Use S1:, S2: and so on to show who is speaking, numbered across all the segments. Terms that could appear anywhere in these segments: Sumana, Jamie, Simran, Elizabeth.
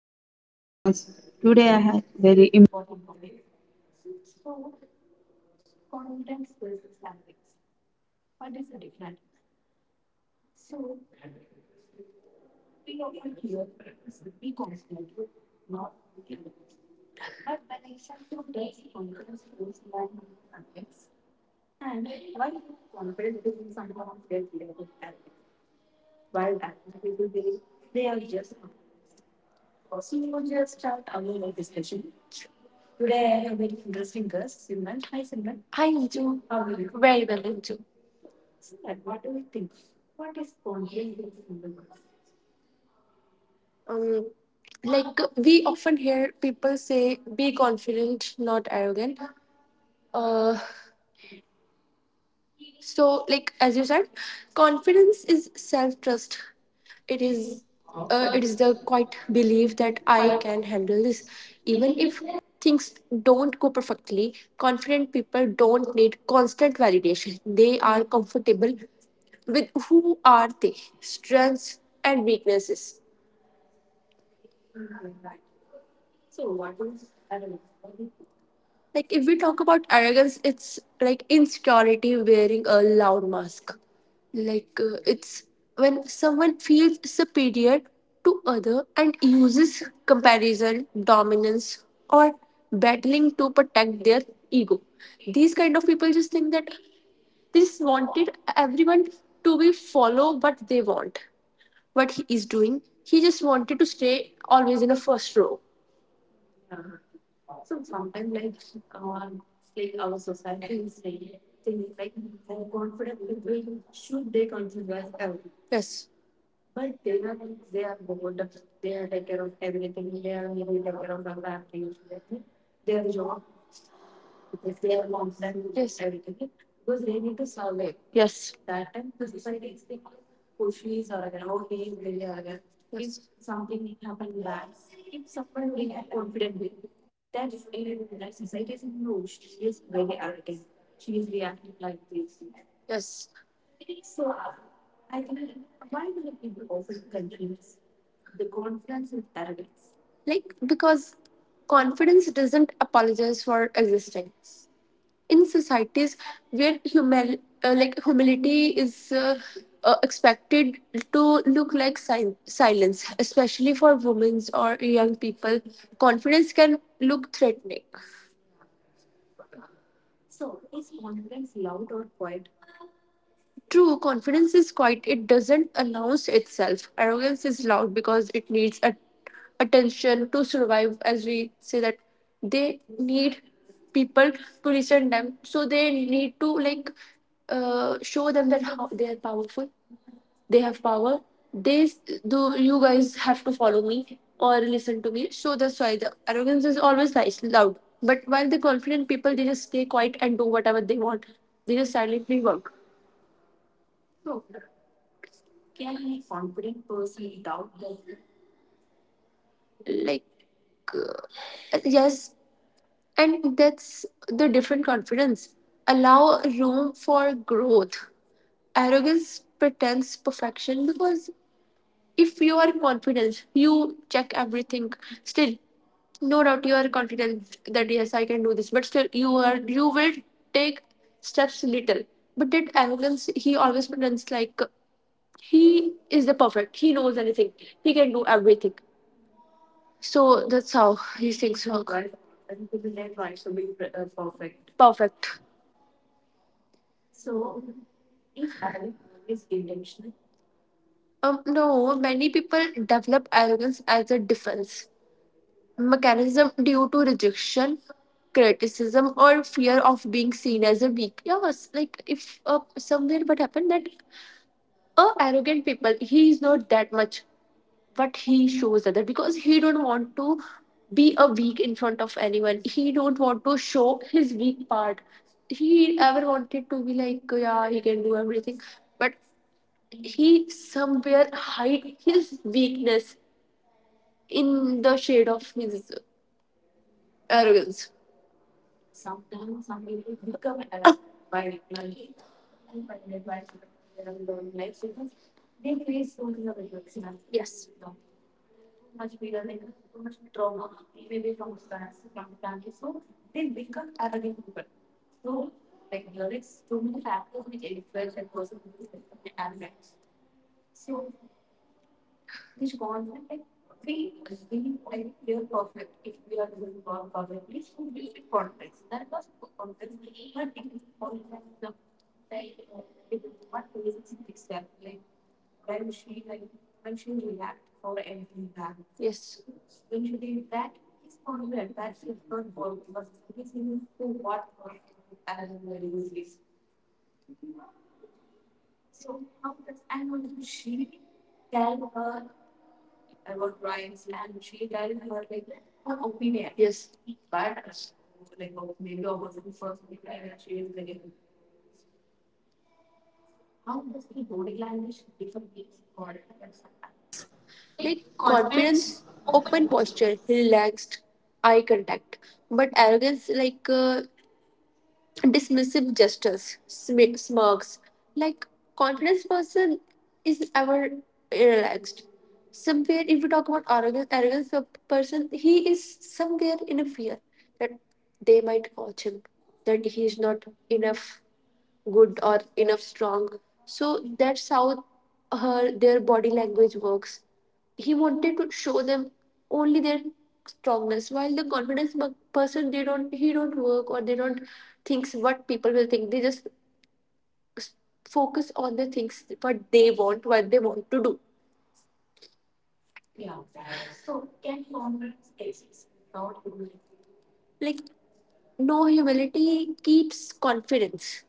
S1: to our new podcast. Today I have very
S2: I do very well into. Um, like we often hear people say, "Be confident, not arrogant." Uh, so like as you said, confidence is self trust. It is, it is the quite belief that I can handle this, even if things don't go perfectly. Confident people don't need constant validation. They are comfortable with who are they, strengths and weaknesses. Like if we talk about arrogance, it's like insecurity wearing a loud mask. It's when someone feels superior to other and uses comparison, dominance, or battling to protect their ego. These kind of people just think that they just wanted everyone to be follow what they want, what he is doing. He just wanted to stay always in a first row. Yes. Yes. Yes. Like, because confidence doesn't apologize for existence. In societies where like humility is expected to look like silence, especially for women or young people, confidence can look threatening. True, confidence is quiet. It doesn't announce itself. Arrogance is loud because it needs a, attention to survive. As we say that they need people to listen them, so they need to show them that how they are powerful. They have power. They s- do. You guys have to follow me or listen to me. So that's why the arrogance is always nice, loud. But while the confident people, they just stay quiet and do whatever they want. They just silently work like. Yes, and that's the different confidence. Allow room for growth. Arrogance pretends perfection because if you are confident, you check everything. Still, no doubt you are confident that yes, I can do this. But still, you will take steps little. But that arrogance, he always pretends like he is the perfect. He knows anything. He can do everything. So that's how he thinks. Oh, Perfect. No, many people develop arrogance as a defense mechanism due to rejection, criticism, or fear of being seen as a weak. Yes, like if somewhere what happened that arrogant people, he is not that much, but he shows other because he don't want to be a weak in front of anyone. He don't want to show his weak part. He ever wanted to be yeah, he can do everything, but he somewhere hide his weakness in the shade of his arrogance. Yes. Yes. Yes. Like confidence, open posture, relaxed, eye contact. But arrogance, dismissive gestures, smirks. Like confidence person is ever relaxed. Somewhere, if we talk about arrogance, arrogance person, he is somewhere in a fear that they might watch him, that he is not enough, good or enough strong. So that's how her their body language works. He wanted to show them only their strongness, while the confidence person, they don't he don't work, or they don't thinks what people will think. They just s- focus on the things what they want, what they want to do. Like no, humility keeps confidence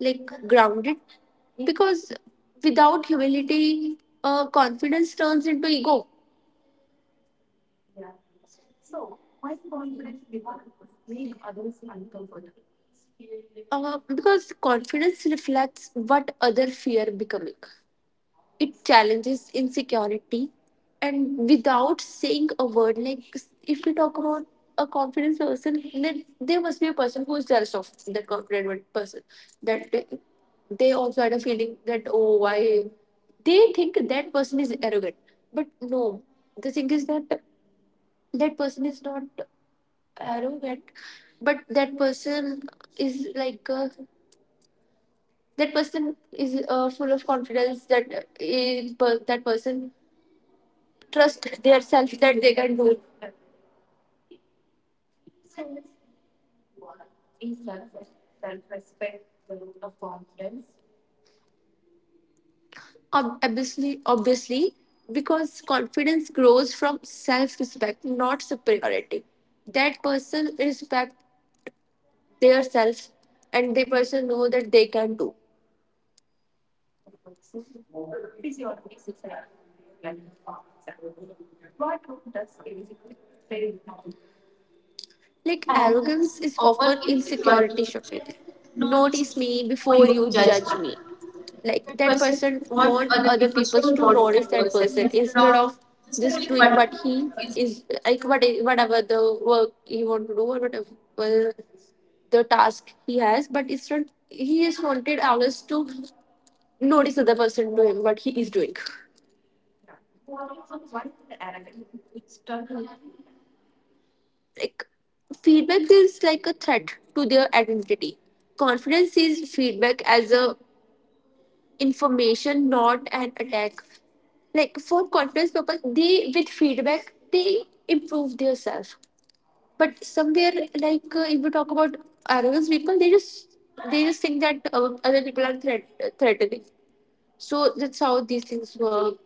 S2: like grounded, because without humility, confidence turns into ego. Because confidence reflects what other fear becoming. It challenges insecurity, and without saying a word, like if we talk about a confident person, then there must be a person who is jealous of that confident one person. That they also had a feeling that oh, why they think that person is arrogant, but no, the thing is that that person is not arrogant, but that person is like a that person is full of confidence that is, that person trust their self that they can do. Obviously, obviously, because confidence grows from self respect, not superiority. That person respect their self, and the person know that they can do. Like arrogance is often insecurity shocking. Notice me before you judge me. Like that person want other people to notice that person instead of just doing what he is like, what whatever the work he want to do, or whatever the task he has, but instead he is wanted always to notice other person doing what he is doing. Like feedback is like a threat to their identity. Confidence sees feedback as a information, not an attack. Like for confidence people, they with feedback they improve their self. But somewhere if we talk about arrogance people, they just think that other people are threatening. So that's how these things work.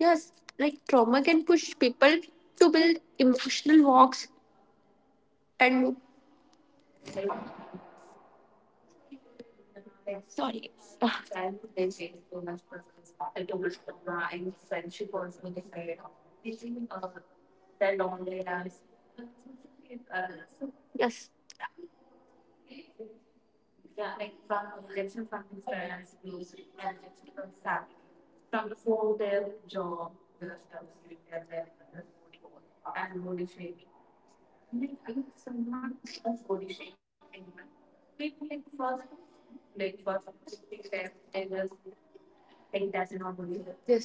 S2: Yes, like trauma can push people to build emotional walks and yes, yes.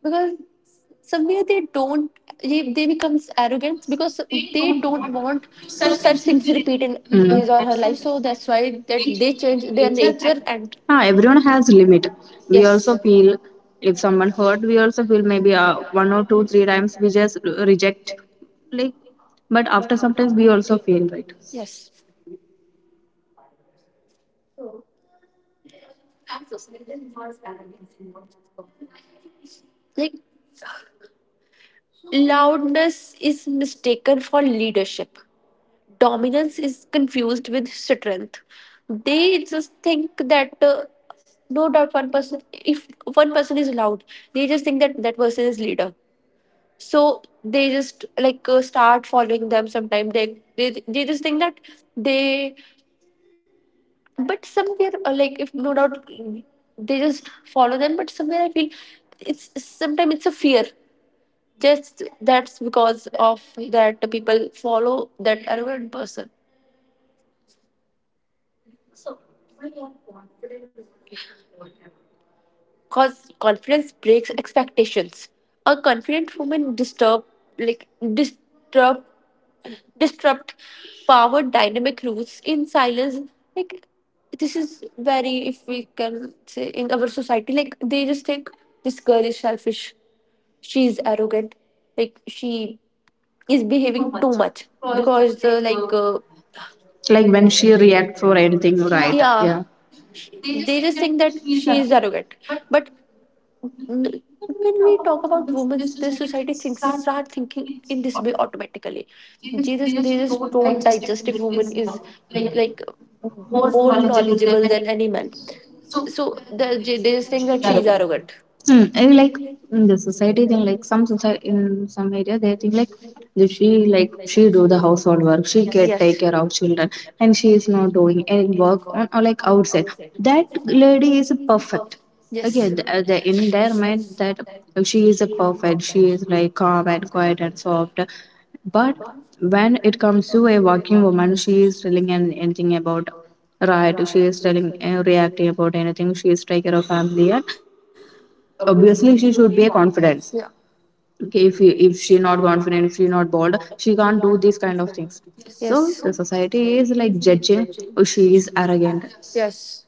S2: Because somewhere they don't, they becomes arrogant because they don't want to such things repeat in
S1: Mm.
S2: his or her life. So that's why that they change their nature and
S1: Ah, everyone has limit. We
S2: yes,
S1: also feel if someone hurt, we also feel maybe one or two, three times we just reject. Like, but after sometimes we also feel right.
S2: yes. Like loudness is mistaken for leadership, dominance is confused with strength. They just think that no doubt one person, if one person is loud, they just think that that person is leader. So they just start following them. Sometime they just think that they. But somewhere like if no doubt they just follow them, but somewhere I feel it's sometimes it's a fear, just that's because of that the people follow that arrogant person. Because confidence breaks expectations. A confident woman disturb, like disturb, disrupt power dynamic roots in silence. Like this is very, if we can say in our society, like they just think this girl is selfish, she is arrogant, like she is behaving too much. Because
S1: Like when she reacts for anything, right?
S2: yeah,
S1: Yeah.
S2: they just think that she is arrogant. But n- when we talk about women, the society thinks start thinking in this way automatically. They just don't digest if woman is like more knowledgeable than any man. So they just think that she is arrogant.
S1: Hmm. I like in the society thing, like some society in some area they think like if she like she do the household work, she Yes. can take
S2: Yes.
S1: care of children, and she is not doing any work on or like outside. That lady is perfect. Okay,
S2: Yes.
S1: the, in their mind that she is a perfect. She is like calm and quiet and soft. But when it comes to a working woman, she is telling anything about right. She is telling reacting about anything. She is taking care of family and obviously she should be a confidence
S2: Yeah.
S1: okay if you, if she not confident, if she not bold she can't do these kind of things. Yes. So the society is like judging, oh, she is arrogant.
S2: Yes.
S1: Yes.
S2: Yes.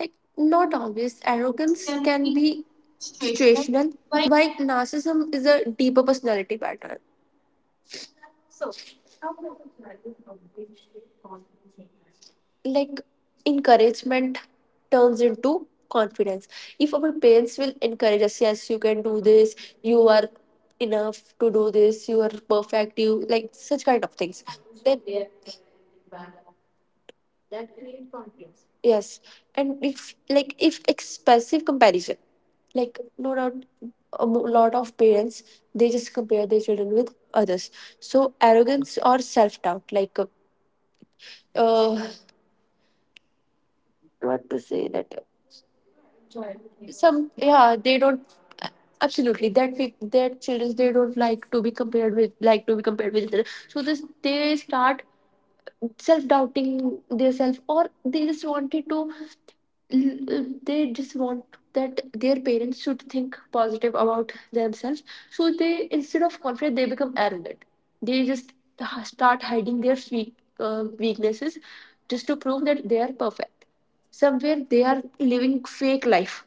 S2: Like, not always. Arrogance can be situational, while narcissism is a deeper personality pattern. Like, encouragement turns into confidence. If our parents will encourage us, yes, you can do this, you are enough to do this, you are perfect, you like such kind of things, then yes. And if like if expensive comparison, like no doubt, a lot of parents they just compare their children with others. So arrogance or self doubt, uh, what to say that some yeah they don't absolutely that their children they don't like to be compared with, like to be compared with each other. So this they start self doubting themselves, or they just wanted to they just want that their parents should think positive about themselves. So they instead of confident they become arrogant. They just start hiding their weak, weaknesses, just to prove that they are perfect. Somewhere they are living fake life.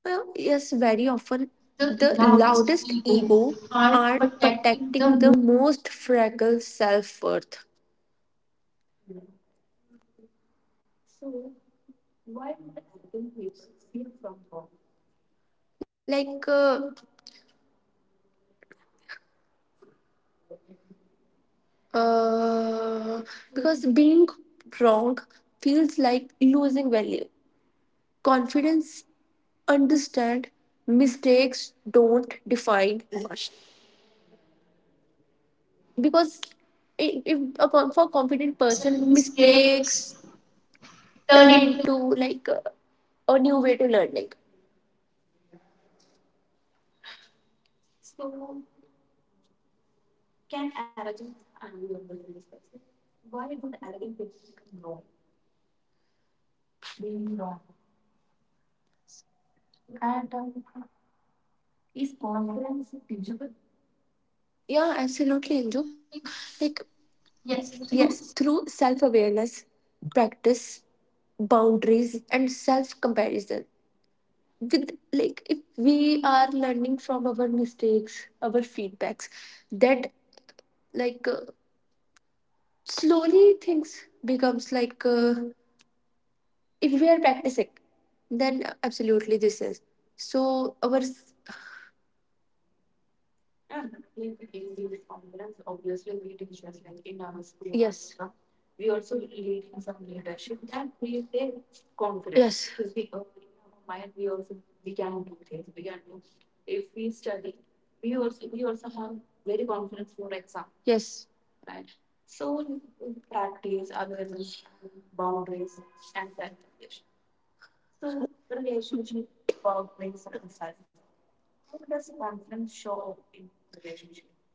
S2: Yes, very often the loudest ego are protecting the most fragile self-worth. So, like uh, Uh, because being wrong feels like losing value. Confidence understand mistakes don't define, because if a for a confident person mistakes turn into like uh, a new way to learning. Yeah, absolutely, Anju. Like yes, through self awareness, practice, boundaries and self comparison. With like if we are learning from our mistakes, our feedbacks, that like uh, slowly things becomes if we are practicing, then absolutely this is. So our yeah, in- the confidence, obviously we teach us like in our school, yes, confidence. Yes, yes. So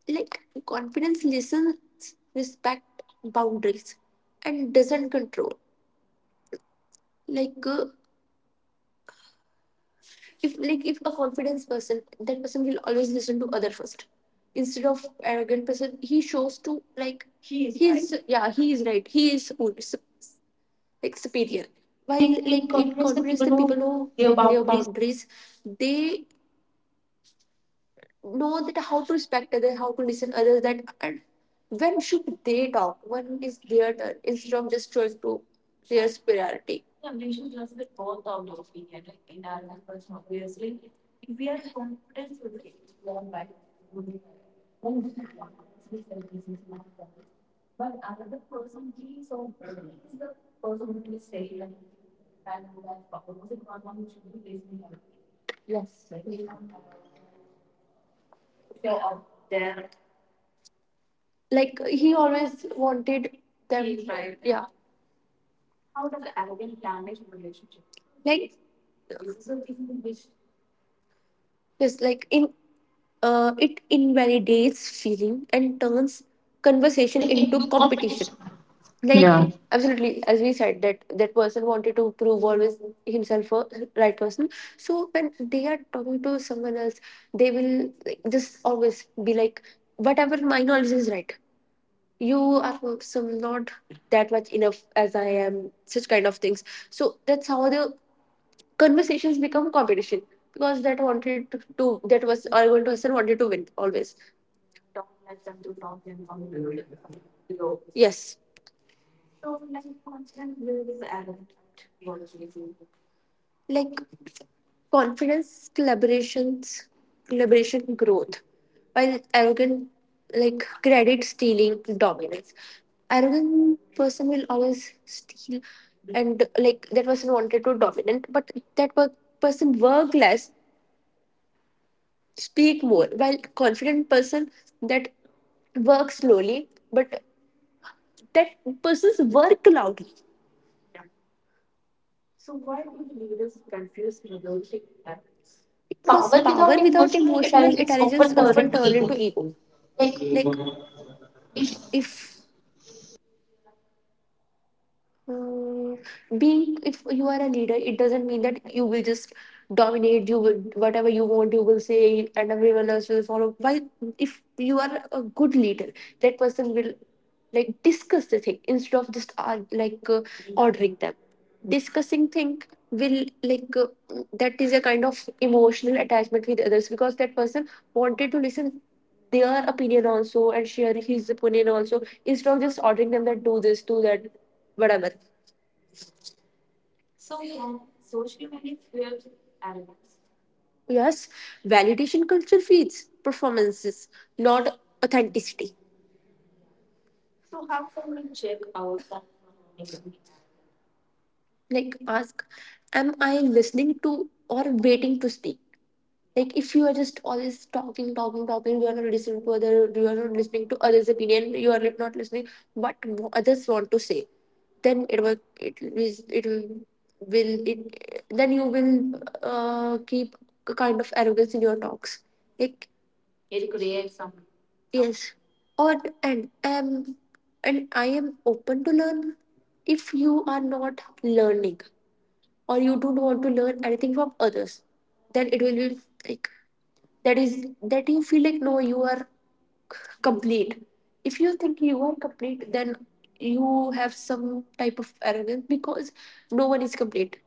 S2: like confidence listens respect boundaries and doesn't control. like uh, if like if a confidence person, that person will always listen to other first, instead of arrogant person he shows to like he is, he's right. Yeah, he is right, he is cool, like superior. While like in confidence the people know their boundaries. They know that how to respect others, how to listen others, that, and when should they talk, when is their turn, instead of just trying to their superiority. Yes, like he always wanted them. He's right. Yeah. Like yes, like in, it invalidates feeling and turns conversation into competition. Like absolutely, as we said that that person wanted to prove always himself a right person. So when they are talking to someone else, they will like, just always be like, "Whatever my knowledge is right." You are some not that much enough as I am, such kind of things. So that's how the conversations become competition, because that wanted to that was Argon person wanted to win always. Yes, like confidence, collaboration, growth. While arrogant, like credit stealing, dominance. Arrogant person will always steal, and like that person wanted to dominant, but that work, person work less, speak more. While confident person that work slowly, but that person's work loud. Because power without emotional intelligence often turn into ego. Like if uh, being if you are a leader, it doesn't mean that you will just dominate, you will whatever you want you will say and everyone else will follow. Why, if you are a good leader, that person will like discuss the thing instead of just ordering them. Discussing thing will that is a kind of emotional attachment with others, because that person wanted to listen their opinion also and share his opinion also instead of just ordering them that do this, do that, whatever. Yes, validation culture feeds performances, not authenticity. Like ask, am I listening to or waiting to speak? Like if you are just always talking, talking, talking, you are not listening to other, you are not listening to others' opinion, you are not listening what no others want to say. Then will it, then you will keep a kind of arrogance in your talks. Like yes, or and um, and I am open to learn. If you are not learning or you don't want to learn anything from others, then it will be like that is that you feel like no, you are complete. If you think you are complete, then you have some type of arrogance, because no one is complete.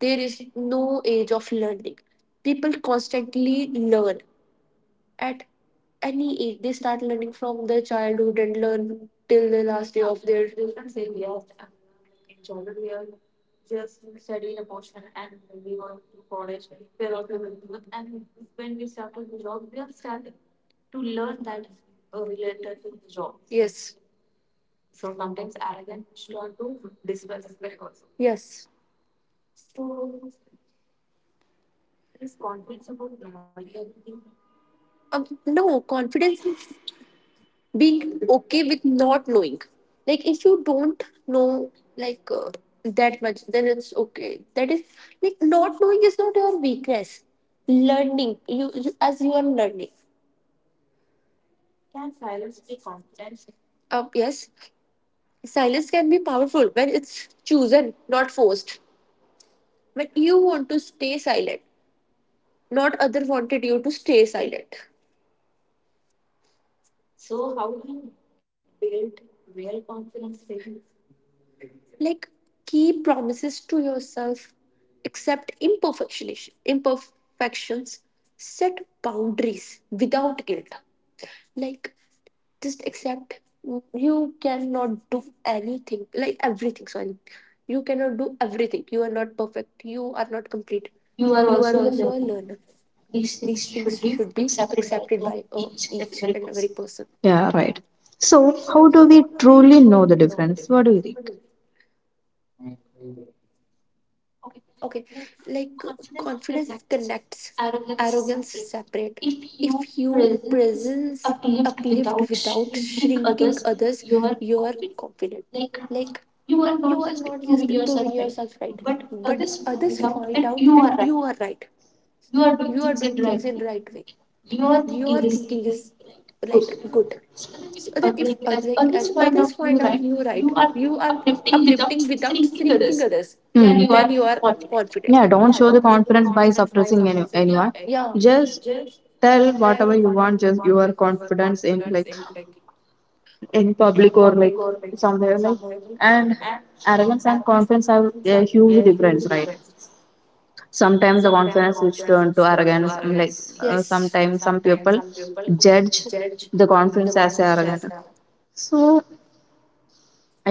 S2: There is no age of learning. People constantly learn at any age. They start learning from their childhood and learn till the last day of their. Yes, yes. No, confidence is being okay with not knowing. Like if you don't know like uh, that much, then it's okay. That is like not knowing is not your weakness. Learning, you as you are learning. Yes, silence can be powerful when it's chosen not forced. When you want to stay silent, not other wanted you to stay silent. Like keep promises to yourself, accept imperfections, set boundaries without guilt. Like just accept you cannot do anything, like everything. Sorry, you cannot do everything. You are not perfect. You are not complete. You are also a learner. These things should be accepted by each and every person.
S1: Yeah, right. So how do we truly know the difference, what do you think?
S2: Okay, like uh, confidence connects, arrogance separate. If you presence uplift without shrinking others, you are confident. Like you are not just proving yourself right, but others find out that you are right. You are doing things in right way. Your thinking is like good. So that if like as others find out you right, you are uplifting without shrinking others,
S1: Then Hmm. you are
S2: then you are
S1: confident. Yeah,
S2: confident.
S1: don't
S2: Yeah,
S1: show the
S2: don't take
S1: confidence by
S2: confidence by
S1: suppressing
S2: suppressing it.
S1: anyone,
S2: Right? Yeah,
S1: just tell whatever you want, just your confidence in, like, in public or like somewhere, like, and arrogance and confidence have a huge difference, right? Sometimes the
S2: sometimes the
S1: confidence which
S2: confidence
S1: turn to
S2: is turned to
S1: arrogance, I'm like
S2: arrogance, yes, and
S1: sometimes some
S2: sometimes
S1: people
S2: some people
S1: judge
S2: judge.
S1: the confidence as arrogant. So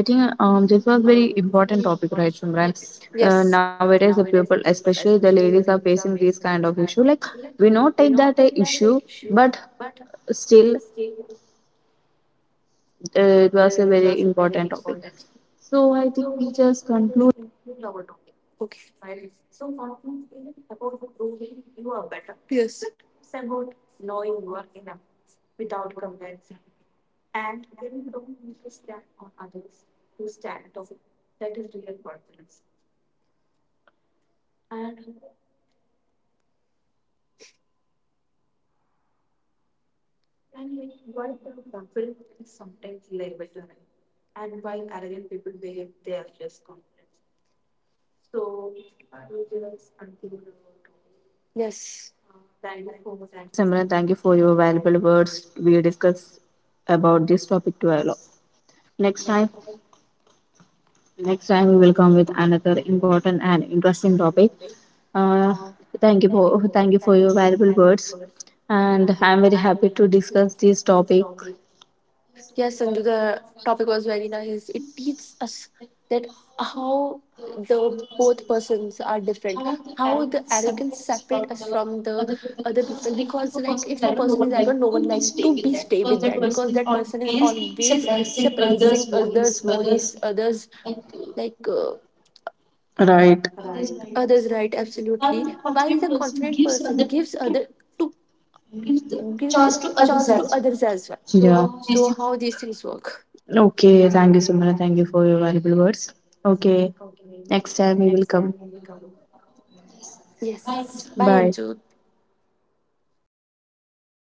S1: I think this was very important topic, right, Simran?
S2: Yes.
S1: Nowadays the people especially the ladies are facing this kind of issue, like we know take that a issue, but still, it was a very important topic. So I think we just conclude.
S2: Yes. Yes.
S1: Simran, thank you for your valuable words. We discuss about this topic to a lot. Next time, next time we will come with another important and interesting topic. Uh, thank you for your valuable words, and I'm very happy to discuss this topic.
S2: Yes, Sindhu, the topic was very nice. It teaches us that how the both persons are different, how the arrogance separate us from the other people. Because like if a person is arrogant, no one like to be stay with that, because that person is always suppressing others' voice, others like uh,
S1: Right.
S2: others' right. Absolutely, while the confident person gives other to give the chance to others as well.
S1: Yeah.
S2: So how these things work?
S1: Okay. Thank you, Sumana. Thank you for your valuable words. Okay. Next time we will come.
S2: Yes. Bye,
S1: Bye.
S2: Anju.